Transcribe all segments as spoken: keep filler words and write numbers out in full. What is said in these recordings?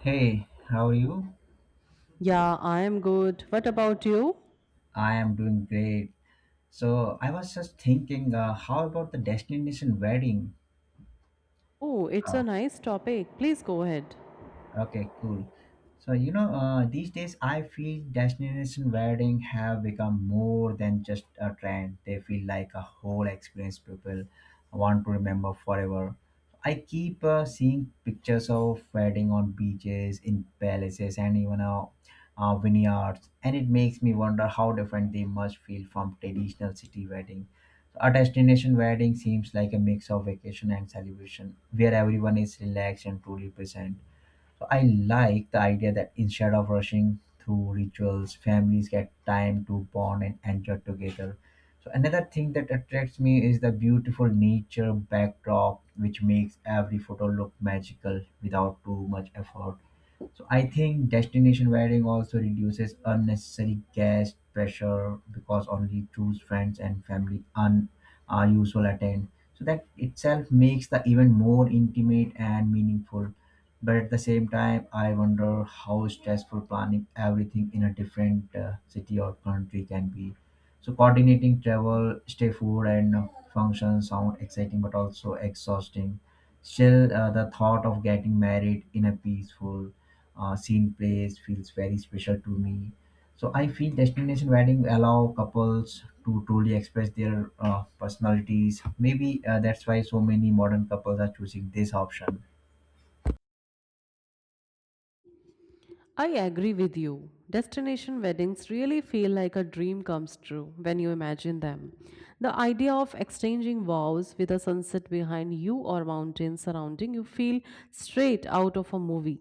Hey, how are you? Yeah, I am good. What about you? I am doing great. So I was just thinking, uh, how about the destination wedding? Oh, it's Uh, a nice topic. Please go ahead. Okay, cool. So, you know, uh, these days I feel destination wedding have become more than just a trend. They feel like a whole experience people want to remember forever. I keep uh, seeing pictures of wedding on beaches, in palaces, and even uh, uh, vineyards, and it makes me wonder how different they must feel from traditional city wedding. So, a destination wedding seems like a mix of vacation and celebration, where everyone is relaxed and truly present. So I like the idea that instead of rushing through rituals, families get time to bond and enjoy together. So another thing that attracts me is the beautiful nature backdrop, which makes every photo look magical without too much effort. So I think destination wedding also reduces unnecessary guest pressure because only choose friends and family un are usual attend. So that itself makes the event more intimate and meaningful. But at the same time, I wonder how stressful planning everything in a different uh, city or country can be. So coordinating travel, stay, food, and uh, functions sound exciting but also exhausting. Still, uh, the thought of getting married in a peaceful, uh, scene place feels very special to me. So I feel destination wedding allow couples to truly express their uh, personalities. Maybe uh, that's why so many modern couples are choosing this option. I agree with you. Destination weddings really feel like a dream comes true when you imagine them. The idea of exchanging vows with a sunset behind you or mountains surrounding you feel straight out of a movie.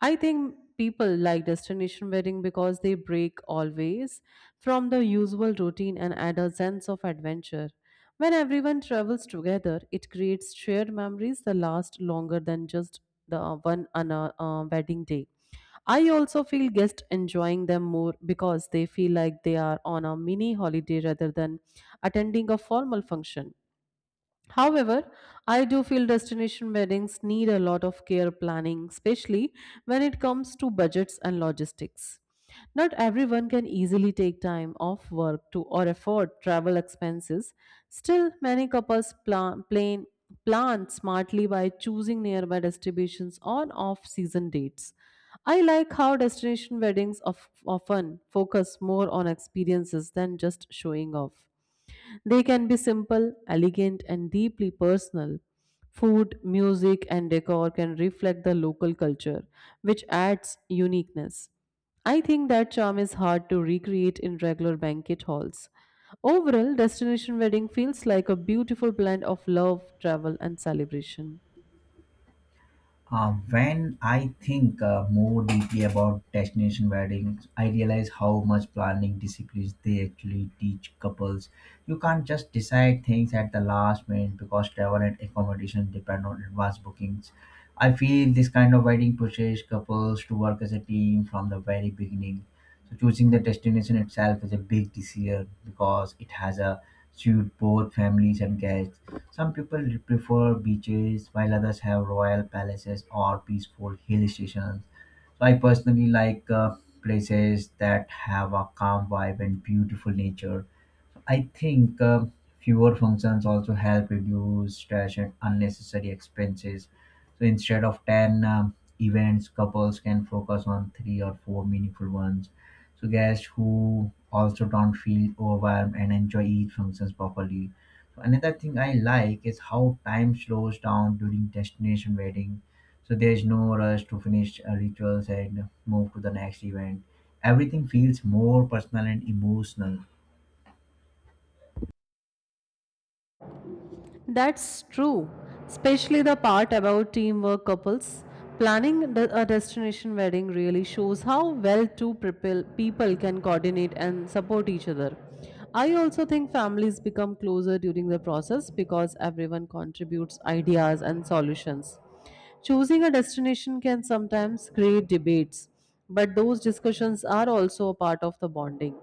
I think people like destination wedding because they break always from the usual routine and add a sense of adventure. When everyone travels together, it creates shared memories that last longer than just the uh, one on a uh, wedding day. I also feel guests enjoying them more because they feel like they are on a mini holiday rather than attending a formal function. However, I do feel destination weddings need a lot of care planning, especially when it comes to budgets and logistics. Not everyone can easily take time off work to or afford travel expenses. Still, many couples plan, plan, plan smartly by choosing nearby destinations on off-season dates. I like how destination weddings of, often focus more on experiences than just showing off. They can be simple, elegant, and deeply personal. Food, music, and decor can reflect the local culture, which adds uniqueness. I think that charm is hard to recreate in regular banquet halls. Overall, destination wedding feels like a beautiful blend of love, travel, and celebration. Uh, when I think uh, more deeply about destination weddings, I realize how much planning disciplines they actually teach couples. You can't just decide things at the last minute because travel and accommodation depend on advanced bookings. I feel this kind of wedding pushes couples to work as a team from the very beginning. So choosing the destination itself is a big decision because it has a suit both families and guests. Some people prefer beaches, while others have royal palaces or peaceful hill stations. So I personally like uh, places that have a calm vibe and beautiful nature. I think uh, fewer functions also help reduce stress and unnecessary expenses. So instead of ten um, events, couples can focus on three or four meaningful ones. So guests who also don't feel overwhelmed and enjoy each functions properly. So another thing I like is how time slows down during destination wedding. So there's no rush to finish uh, rituals and move to the next event. Everything feels more personal and emotional. That's true, especially the part about teamwork couples. Planning de- a destination wedding really shows how well two people people can coordinate and support each other. I also think families become closer during the process because everyone contributes ideas and solutions. Choosing a destination can sometimes create debates, but those discussions are also a part of the bonding.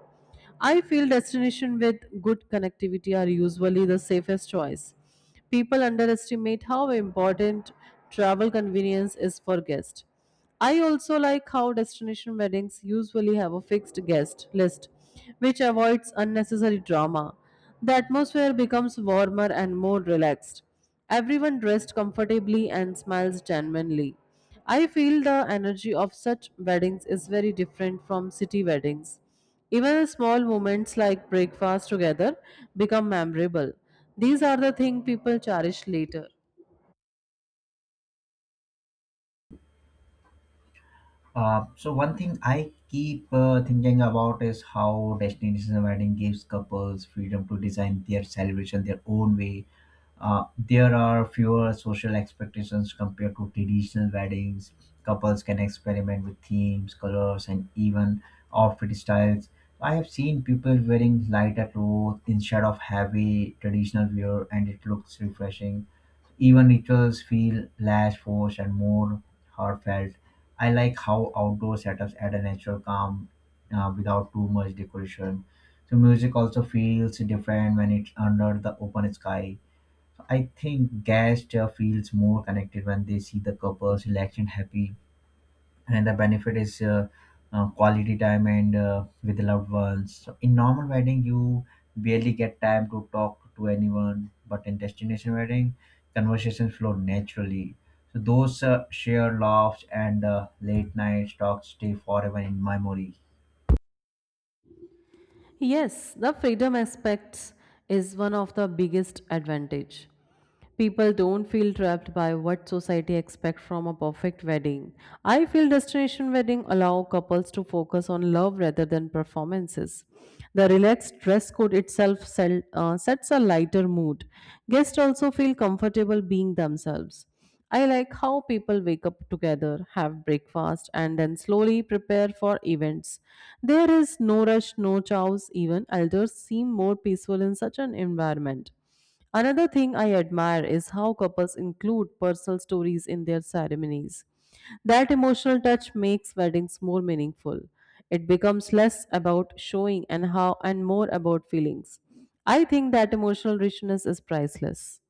I feel destinations with good connectivity are usually the safest choice. People underestimate how important travel convenience is for guests. I also like how destination weddings usually have a fixed guest list, which avoids unnecessary drama. The atmosphere becomes warmer and more relaxed. Everyone dressed comfortably and smiles genuinely. I feel the energy of such weddings is very different from city weddings. Even small moments like breakfast together become memorable. These are the things people cherish later. Uh, so one thing I keep uh, thinking about is how destination wedding gives couples freedom to design their celebration their own way. Uh, there are fewer social expectations compared to traditional weddings. Couples can experiment with themes, colors, and even outfit styles. I have seen people wearing lighter clothes instead of heavy traditional wear, and it looks refreshing. Even rituals feel less forced and more heartfelt. I like how outdoor setups add a natural calm uh, without too much decoration. So music also feels different when it's under the open sky. I think guests uh, feels more connected when they see the couples relaxed and happy. And the benefit is uh, uh, quality time and uh, with loved ones. So in normal wedding you barely get time to talk to anyone, but in destination wedding conversations flow naturally. So those uh, shared laughs and uh, late night talks stay forever in memory. Yes, the freedom aspects is one of the biggest advantage. People don't feel trapped by what society expects from a perfect wedding. I feel destination wedding allow couples to focus on love rather than performances. The relaxed dress code itself sel- uh, sets a lighter mood. Guests also feel comfortable being themselves. I like how people wake up together, have breakfast, and then slowly prepare for events. There is no rush, no chows, even elders seem more peaceful in such an environment. Another thing I admire is how couples include personal stories in their ceremonies. That emotional touch makes weddings more meaningful. It becomes less about showing and how and more about feelings. I think that emotional richness is priceless.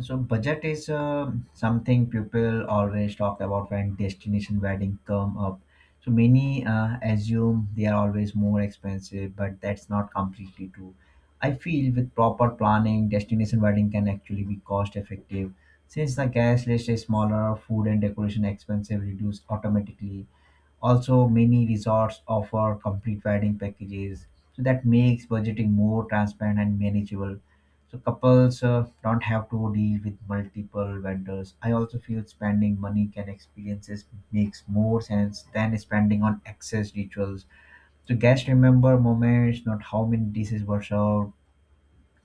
So budget is uh, something people always talk about when destination wedding come up. So many uh, assume they are always more expensive, but that's not completely true. I feel with proper planning, destination wedding can actually be cost effective. Since the guest list is smaller, food and decoration expenses reduce automatically. Also, many resorts offer complete wedding packages, so that makes budgeting more transparent and manageable. So couples uh, don't have to deal with multiple vendors. I also feel spending money can experiences makes more sense than spending on excess rituals. So guests remember moments, not how many dishes were served.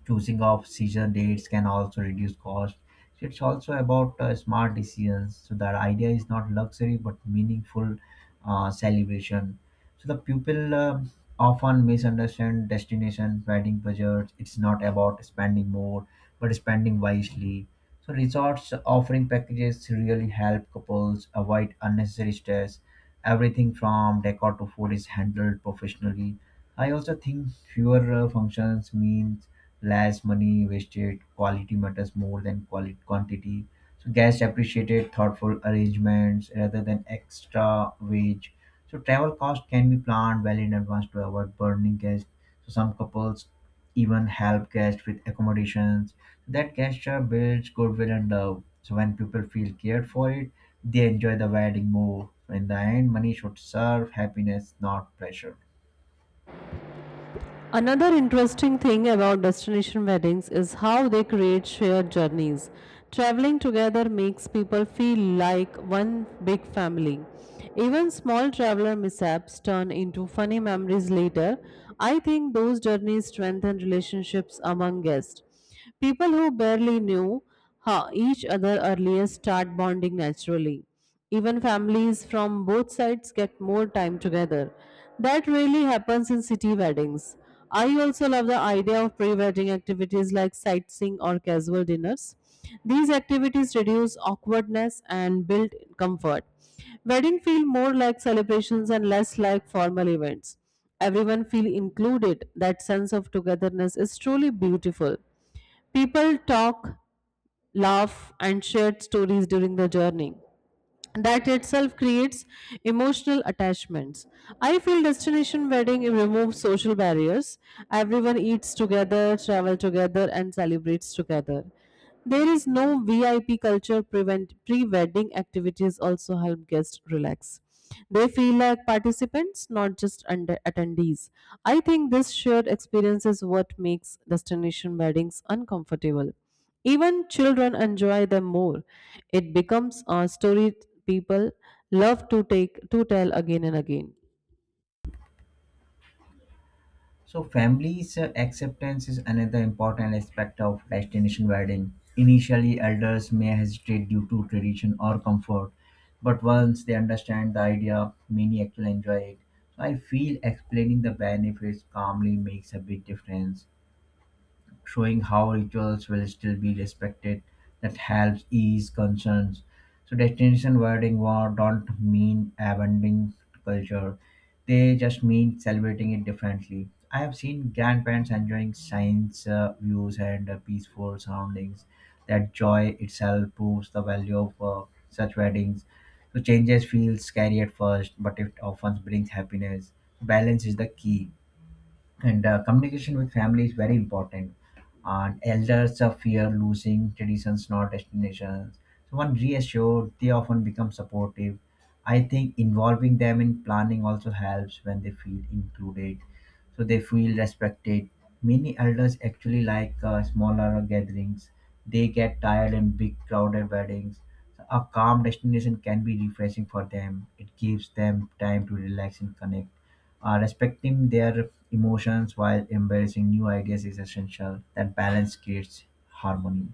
Choosing of season dates can also reduce cost. So it's also about uh, smart decisions. So that idea is not luxury but meaningful uh, celebration. So the people um often misunderstand destination wedding budgets. It's not about spending more but spending wisely. So resorts offering packages really help couples avoid unnecessary stress. Everything from decor to food is handled professionally. I also think fewer uh, functions means less money wasted, quality matters more than quality quantity. So guests appreciated thoughtful arrangements rather than extra wage. So travel cost can be planned well in advance to avoid burning guests. So some couples even help guests with accommodations. So, that gesture builds goodwill and love. So when people feel cared for it, they enjoy the wedding more. So, in the end, money should serve happiness, not pressure. Another interesting thing about destination weddings is how they create shared journeys. Traveling together makes people feel like one big family. Even small traveler mishaps turn into funny memories later. I think those journeys strengthen relationships among guests. People who barely knew ha- each other earlier start bonding naturally. Even families from both sides get more time together. That really happens in city weddings. I also love the idea of pre wedding activities like sightseeing or casual dinners. These activities reduce awkwardness and build comfort. Wedding feel more like celebrations and less like formal events. Everyone feel included. That sense of togetherness is truly beautiful. People talk, laugh, and share stories during the journey that itself creates emotional attachments. I feel destination wedding removes social barriers. Everyone eats together, travel together, and celebrates together. There is no V I P culture prevent pre-wedding activities also help guests relax. They feel like participants, not just under attendees. I think this shared experience is what makes destination weddings uncomfortable. Even children enjoy them more. It becomes a story people love to take to tell again and again. So, families' uh, acceptance is another important aspect of destination wedding. Initially, elders may hesitate due to tradition or comfort, but once they understand the idea, many actually enjoy it. So, I feel explaining the benefits calmly makes a big difference showing how rituals will still be respected. That helps ease concerns. So destination wedding war don't mean abandoning culture. They just mean celebrating it differently. I have seen grandparents enjoying science uh, views and uh, peaceful surroundings. That joy itself proves the value of uh, such weddings. So changes feel scary at first, but it often brings happiness. Balance is the key, and uh, communication with family is very important. And elders uh, fear losing traditions not destinations. So when reassured they often become supportive. I think involving them in planning also helps. When they feel included, so they feel respected. Many elders actually like uh, smaller gatherings. They get tired in big crowded weddings. A calm destination can be refreshing for them. It gives them time to relax and connect. Uh, respecting their emotions while embracing new ideas is essential. That balance creates harmony.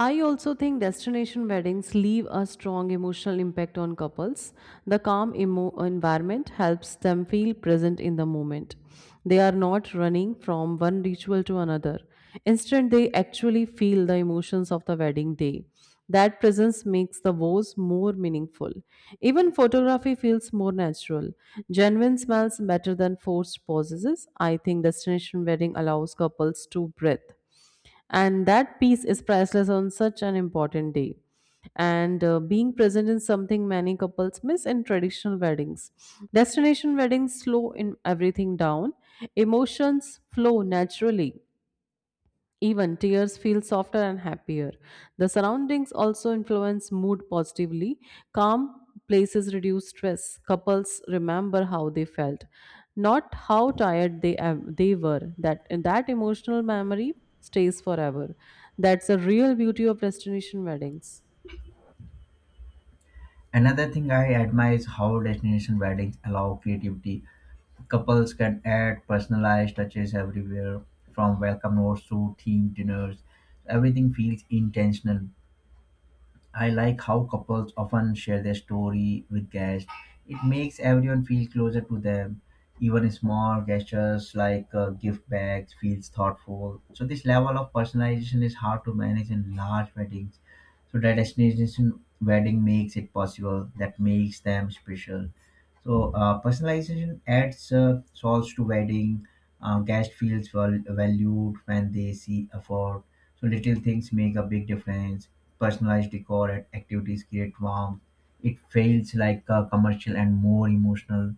I also think destination weddings leave a strong emotional impact on couples. The calm emo- environment helps them feel present in the moment. They are not running from one ritual to another. Instead, they actually feel the emotions of the wedding day. That presence makes the vows more meaningful. Even photography feels more natural. Genuine smells better than forced poses. I think destination wedding allows couples to breathe, and that peace is priceless on such an important day, and uh, being present in something many couples miss in traditional weddings. Destination weddings slow in everything down. Emotions flow naturally, even tears feel softer and happier. The surroundings also influence mood positively. Calm places reduce stress. Couples remember how they felt, not how tired they am- they were. That that emotional memory stays forever. That's the real beauty of destination weddings. Another thing I admire is how destination weddings allow creativity. Couples can add personalized touches everywhere, from welcome notes to themed dinners. Everything feels intentional. I like how couples often share their story with guests. It makes everyone feel closer to them. Even small gestures like uh, gift bags feels thoughtful. So this level of personalization is hard to manage in large weddings. So that destination wedding makes it possible. That makes them special. So uh, personalization adds uh, souls to wedding. Uh, guest feels val- valued when they see effort. So little things make a big difference. Personalized decor and activities create warmth. It feels like a commercial and more emotional.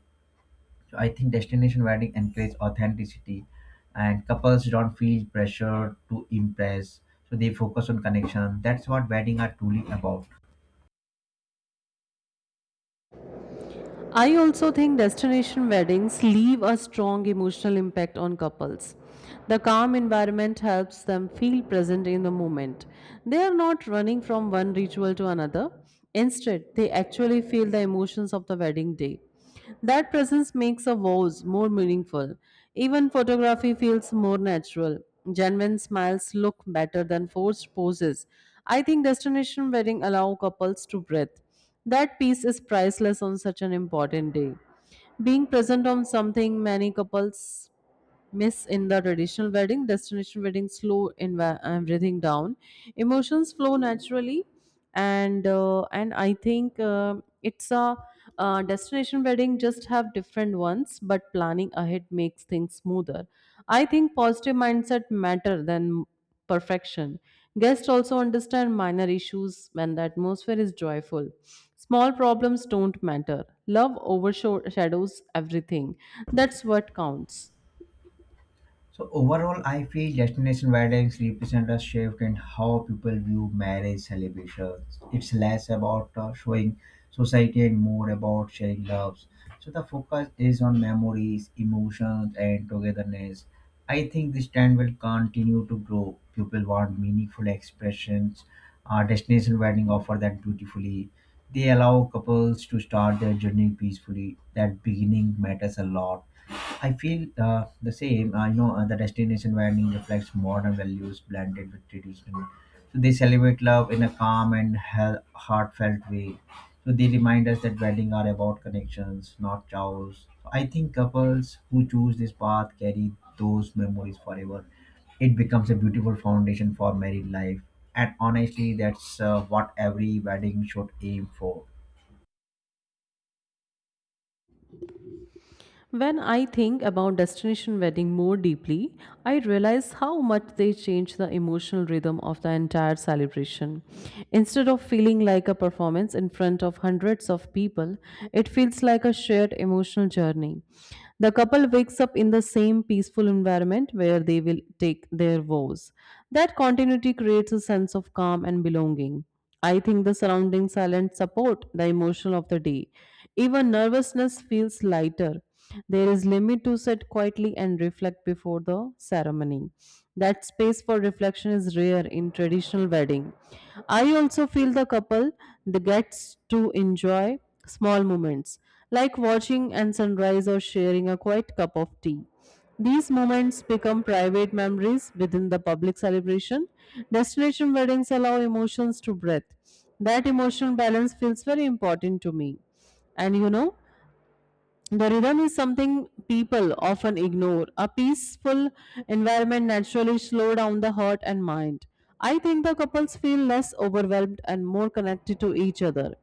So I think destination wedding encourages authenticity, and couples don't feel pressure to impress. So they focus on connection. That's what wedding are truly about. I also think destination weddings leave a strong emotional impact on couples. The calm environment helps them feel present in the moment. They are not running from one ritual to another. Instead, they actually feel the emotions of the wedding day. That presence makes a vows more meaningful. Even photography feels more natural. Genuine smiles look better than forced poses. I think destination wedding allow couples to breathe. That peace is priceless on such an important day. Being present on something many couples miss in the traditional wedding. Destination wedding slow in everything down. Emotions flow naturally, and uh, and I think um it's a uh, destination wedding just have different ones, but planning ahead makes things smoother. I think positive mindset matter than perfection. Guests also understand minor issues when the atmosphere is joyful. Small problems don't matter. Love overshadows everything. That's what counts. So overall, I feel destination weddings represent a shift in how people view marriage celebrations. It's less about uh, showing society and more about sharing loves. So the focus is on memories, emotions, and togetherness. I think this trend will continue to grow. People want meaningful expressions. Uh, destination wedding offer that beautifully. They allow couples to start their journey peacefully. That beginning matters a lot. I feel uh, the same. I know uh, the destination wedding reflects modern values blended with traditional. So they celebrate love in a calm and he- heartfelt way. So they remind us that weddings are about connections, not chows. So I think couples who choose this path carry those memories forever. It becomes a beautiful foundation for married life, and honestly, that's uh, what every wedding should aim for. When I think about destination wedding more deeply, I realize how much they change the emotional rhythm of the entire celebration. Instead of feeling like a performance in front of hundreds of people, it feels like a shared emotional journey. The couple wakes up in the same peaceful environment where they will take their vows. That continuity creates a sense of calm and belonging. I think the surrounding silence support the emotion of the day. Even nervousness feels lighter. There is limit to sit quietly and reflect before the ceremony. That space for reflection is rare in traditional wedding. I also feel the couple that gets to enjoy small moments like watching and sunrise or sharing a quiet cup of tea. These moments become private memories within the public celebration. Destination weddings allow emotions to breathe. That emotional balance feels very important to me. And you know, the rhythm is something people often ignore. A peaceful environment naturally slows down the heart and mind. I think the couples feel less overwhelmed and more connected to each other.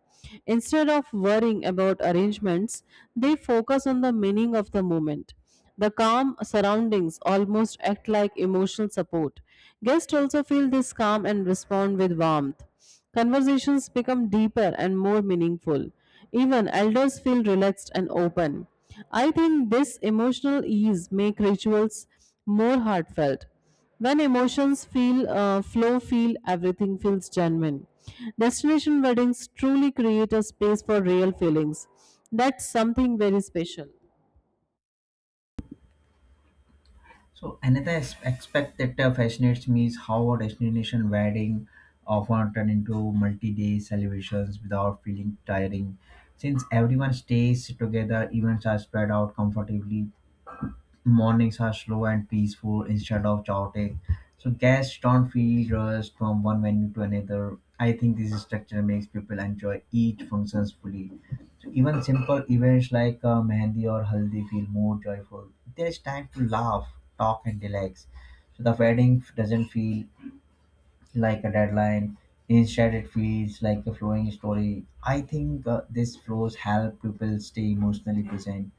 Instead of worrying about arrangements, they focus on the meaning of the moment. The calm surroundings almost act like emotional support. Guests also feel this calm and respond with warmth. Conversations become deeper and more meaningful. Even elders feel relaxed and open. I think this emotional ease make rituals more heartfelt. When emotions feel uh, flow, feel everything feels genuine. Destination weddings truly create a space for real feelings. That's something very special. So another as- aspect that uh, fascinates me is how a destination wedding often turn into multi-day celebrations without feeling tiring. Since everyone stays together, events are spread out comfortably, mornings are slow and peaceful instead of chaotic. So guests don't feel rushed from one venue to another. I think this structure makes people enjoy each functions fully. So even simple events like uh, mehndi or haldi feel more joyful. There is time to laugh, talk, and relax. So the wedding doesn't feel like a deadline. Instead, it feels like a flowing story. I think uh, these flows help people stay emotionally present.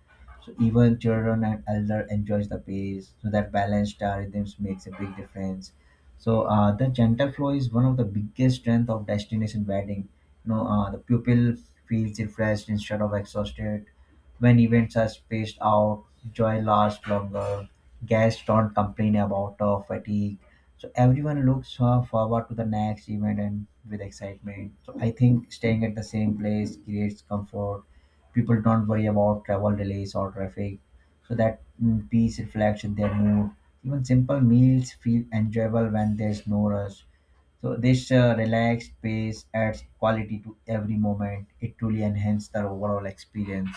So even children and elder enjoys the pace. So that balanced uh, rhythms makes a big difference. So uh, the gentle flow is one of the biggest strength of destination wedding. You know, uh, the pupil feels refreshed instead of exhausted. When events are spaced out, joy lasts longer. Guests don't complain about uh, fatigue. So everyone looks uh, forward to the next event and with excitement. So I think staying at the same place creates comfort. People don't worry about travel delays or traffic. So that mm, peace reflects in their mood. Even simple meals feel enjoyable when there's no rush. So this uh, relaxed pace adds quality to every moment. It truly enhances the overall experience.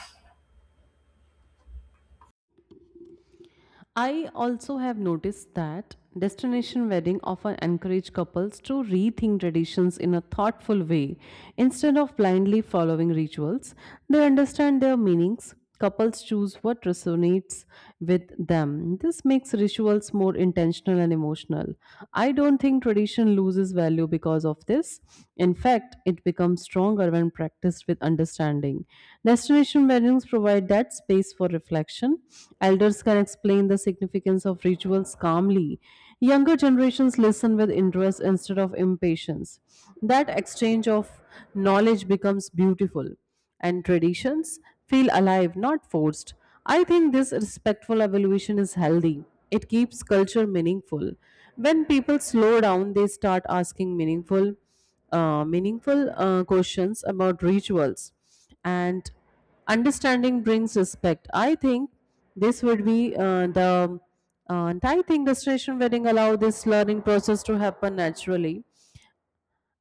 I also have noticed that destination wedding often encourage couples to rethink traditions in a thoughtful way instead of blindly following rituals. They understand their meanings. Couples choose what resonates with them. This makes rituals more intentional and emotional. I don't think tradition loses value because of this. In fact, it becomes stronger when practiced with understanding. Destination weddings provide that space for reflection. Elders can explain the significance of rituals calmly. Younger generations listen with interest instead of impatience. That exchange of knowledge becomes beautiful, and traditions feel alive, not forced. I think this respectful evolution is healthy. It keeps culture meaningful. When people slow down, they start asking meaningful uh, meaningful uh, questions about rituals, and understanding brings respect. I think this would be uh, the uh, and I think destination wedding allow this learning process to happen naturally,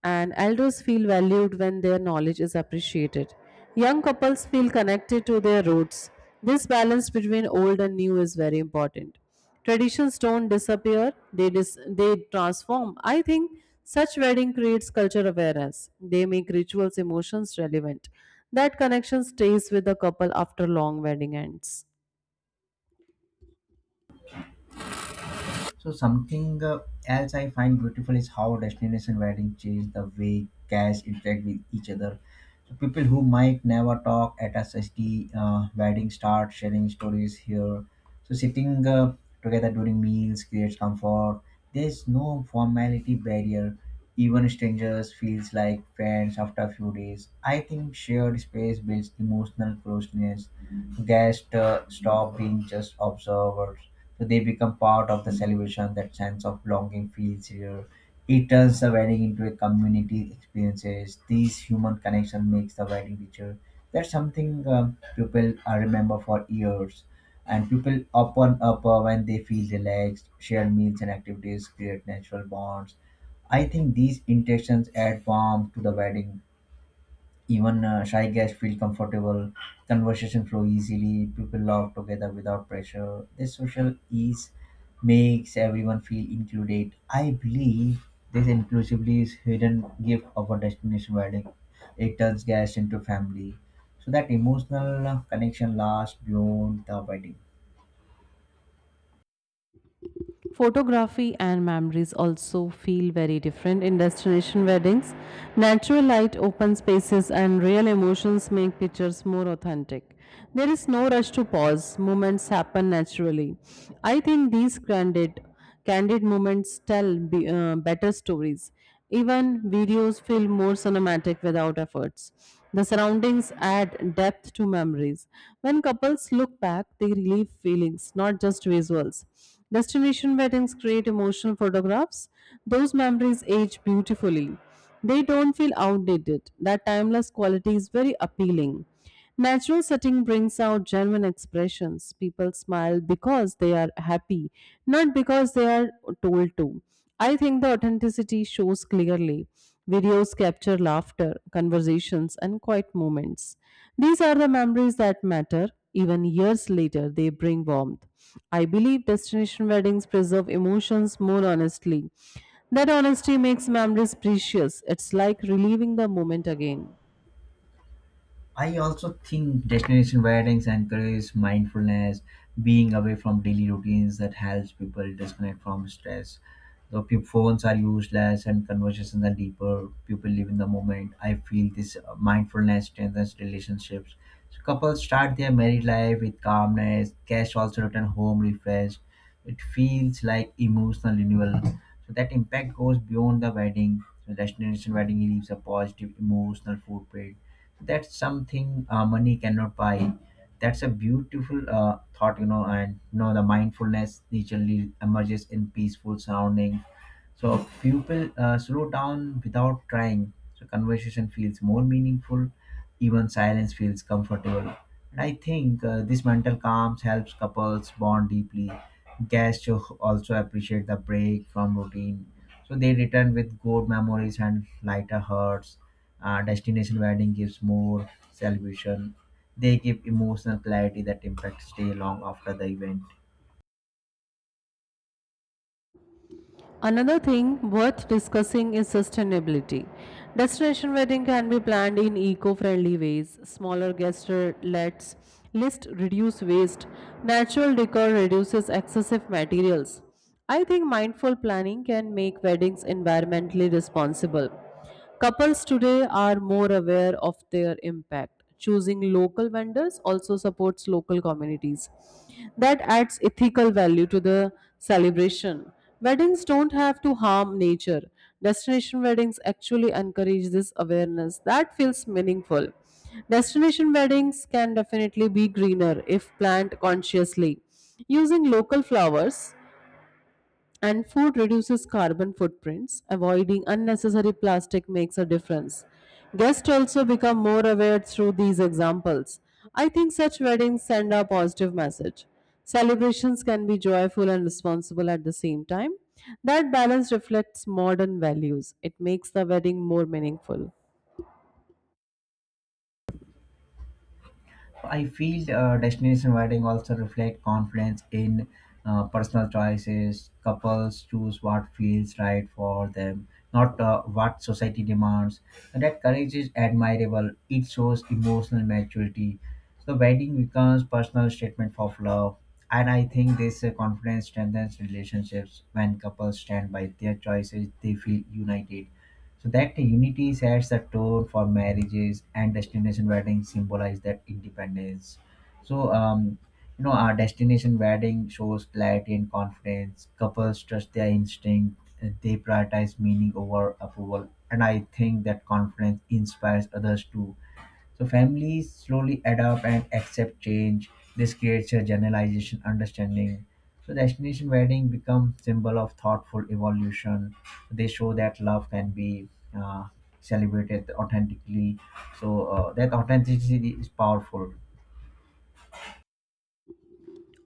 and elders feel valued when their knowledge is appreciated. Young couples feel connected to their roots. This balance between old and new is very important. Traditions don't disappear, they, dis- they transform. I think such wedding creates culture awareness. They make rituals emotions relevant. That connection stays with the couple after long wedding ends. So something uh, else I find beautiful is how destination wedding change the way guests interact with each other. So people who might never talk at a society uh, wedding start sharing stories here. So sitting uh, together during meals creates comfort. There's no formality barrier. Even strangers feels like friends after a few days. I think shared space builds emotional closeness. Guests uh, stop being just observers so they become part of the celebration. That sense of longing feels here. It turns the wedding into a community experiences. These human connection makes the wedding richer. That's something um, people uh, remember for years. And people open up uh, when they feel relaxed, share meals and activities, create natural bonds. I think these interactions add warmth to the wedding even uh, shy guests feel comfortable, conversation flow easily, people laugh together without pressure. This social ease makes everyone feel included. I believe this inclusively is hidden gift of a destination wedding. It turns guests into family. So that emotional connection lasts beyond the wedding. Photography and memories also feel very different in destination weddings. Natural light, open spaces, and real emotions make pictures more authentic. There is no rush to pause, moments happen naturally. I think these candid, candid moments tell be, uh, better stories. Even videos feel more cinematic without efforts. The surroundings add depth to memories. When couples look back, they relive feelings, not just visuals. Destination weddings create emotional photographs. Those memories age beautifully. They don't feel outdated. That timeless quality is very appealing. Natural setting brings out genuine expressions. People smile because they are happy, not because they are told to. I think the authenticity shows clearly. Videos capture laughter, conversations, and quiet moments. These are the memories that matter. Even years later, they bring warmth. I believe destination weddings preserve emotions more honestly. That honesty makes memories precious. It's like reliving the moment again. I also think destination weddings encourage mindfulness, being away from daily routines that helps people disconnect from stress. The pe- phones are useless and conversations are deeper. People live in the moment. I feel this uh, mindfulness strengthens relationships. So couples start their married life with calmness. Guests also return home refreshed. It feels like emotional renewal. So that impact goes beyond the wedding. So destination wedding leaves a positive emotional footprint, that's something uh, money cannot buy. That's a beautiful uh, thought. You know and you know the mindfulness naturally emerges in peaceful surrounding, so people uh, slow down without trying. So conversation feels more meaningful. Even silence feels comfortable. And I think uh, this mental calm helps couples bond deeply. Guests al- also appreciate the break from routine. So they return with good memories and lighter hearts. Uh, destination wedding gives more celebration. They give emotional clarity that impacts stay long after the event. Another thing worth discussing is sustainability. Destination wedding can be planned in eco-friendly ways. Smaller guestlets list reduce waste. Natural decor reduces excessive materials. I think mindful planning can make weddings environmentally responsible. Couples today are more aware of their impact. Choosing local vendors also supports local communities. That adds ethical value to the celebration. Weddings don't have to harm nature. Destination weddings actually encourage this awareness. That feels meaningful. Destination weddings can definitely be greener if planned consciously. Using local flowers and food reduces carbon footprints. Avoiding unnecessary plastic makes a difference. Guests also become more aware through these examples. I think such weddings send a positive message. Celebrations can be joyful and responsible at the same time. That balance reflects modern values. It makes the wedding more meaningful. I feel uh, destination wedding also reflect confidence in uh, personal choices. Couples choose what feels right for them, not uh, what society demands. And that courage is admirable. It shows emotional maturity. So wedding becomes personal statement of love. And I think this uh, confidence strengthens relationships. When couples stand by their choices, they feel united. So that unity sets the tone for marriages, and destination weddings symbolize that independence. So um, you know, our destination wedding shows clarity and confidence. Couples trust their instinct. uh, They prioritize meaning over approval, and I think that confidence inspires others too. So families slowly adapt and accept change. This creates a generalization understanding. So destination wedding become symbol of thoughtful evolution. They show that love can be uh, celebrated authentically. So uh, that authenticity is powerful.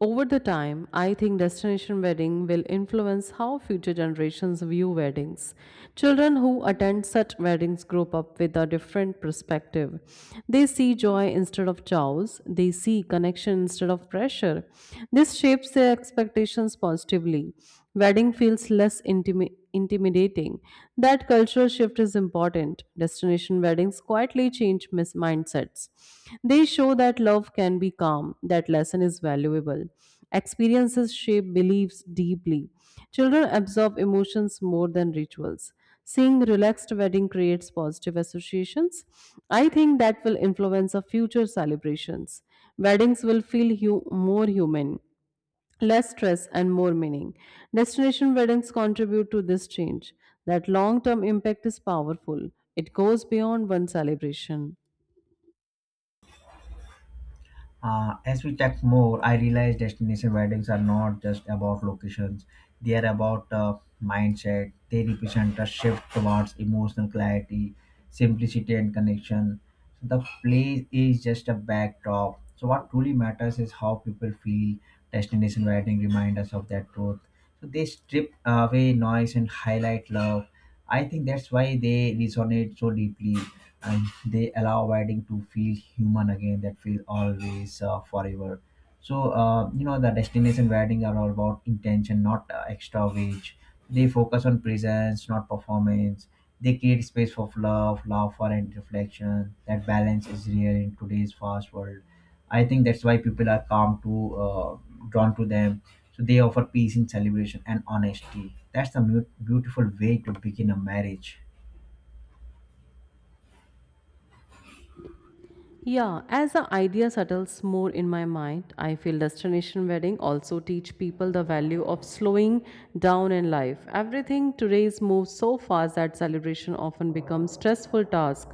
Over the time, I think destination wedding will influence how future generations view weddings. Children who attend such weddings grow up with a different perspective. They see joy instead of chaos, they see connection instead of pressure. This shapes their expectations positively. Wedding feels less intimi- intimidating. That cultural shift is important. Destination weddings quietly change mis- mindsets. They show that love can be calm, that lesson is valuable. Experiences shape beliefs deeply. Children absorb emotions more than rituals. Seeing relaxed wedding creates positive associations. I think that will influence our future celebrations. Weddings will feel hu- more human, less stress and more meaning. Destination weddings contribute to this change. That long term impact is powerful, it goes beyond one celebration. Uh, as we checked more, I realized destination weddings are not just about locations, they are about uh, mindset. They represent a shift towards emotional clarity, simplicity, and connection. So the place is just a backdrop. So, what truly matters is how people feel. Destination wedding remind us of that truth. So, they strip away noise and highlight love. I think that's why they resonate so deeply, and they allow wedding to feel human again. That feel always uh, forever. So uh, you know the destination wedding are all about intention, not uh, extra wage. They focus on presence, not performance. They create space for love, laughter and reflection. That balance is rare in today's fast world. I think that's why people are calm to uh, drawn to them. So they offer peace in celebration and honesty. That's the mu- beautiful way to begin a marriage. Yeah, as the idea settles more in my mind, I feel destination wedding also teach people the value of slowing down in life. Everything today's moves so fast that celebration often becomes stressful task.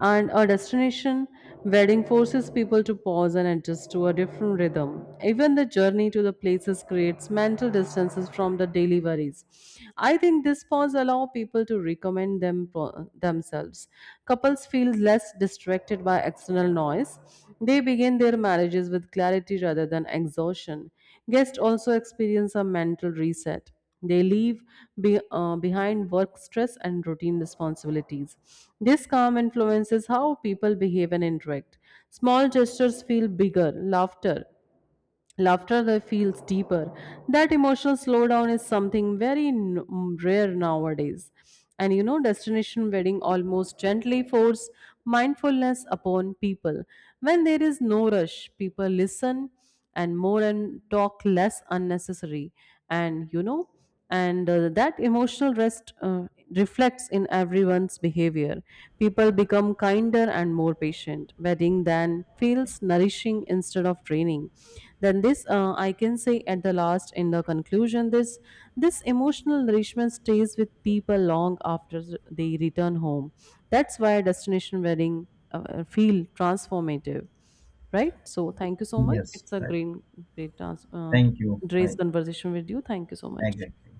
And a destination wedding forces people to pause and adjust to a different rhythm. Even the journey to the places creates mental distances from the daily worries. I think this these pods allow people to recommend them themselves. Couples feel less distracted by external noise. They begin their marriages with clarity rather than exhaustion. Guests also experience a mental reset. They leave be, uh, behind work stress and routine responsibilities. This calm influences how people behave and interact. Small gestures feel bigger. Laughter, Laughter that feels deeper. That emotional slowdown is something very n- mm, rare nowadays. And you know, destination wedding almost gently force mindfulness upon people. When there is no rush, people listen and more and talk less unnecessary. And you know, and uh, That emotional rest uh, reflects in everyone's behavior. People become kinder and more patient. Wedding then feels nourishing instead of draining. Then this uh, I can say at the last in the conclusion, this this emotional nourishment stays with people long after they return home. That's why destination wedding uh, feel transformative. Right, so thank you so much, Yes, it's a right. great great trans- uh, Thank you, great bye. conversation with you. Thank you so much. Exactly.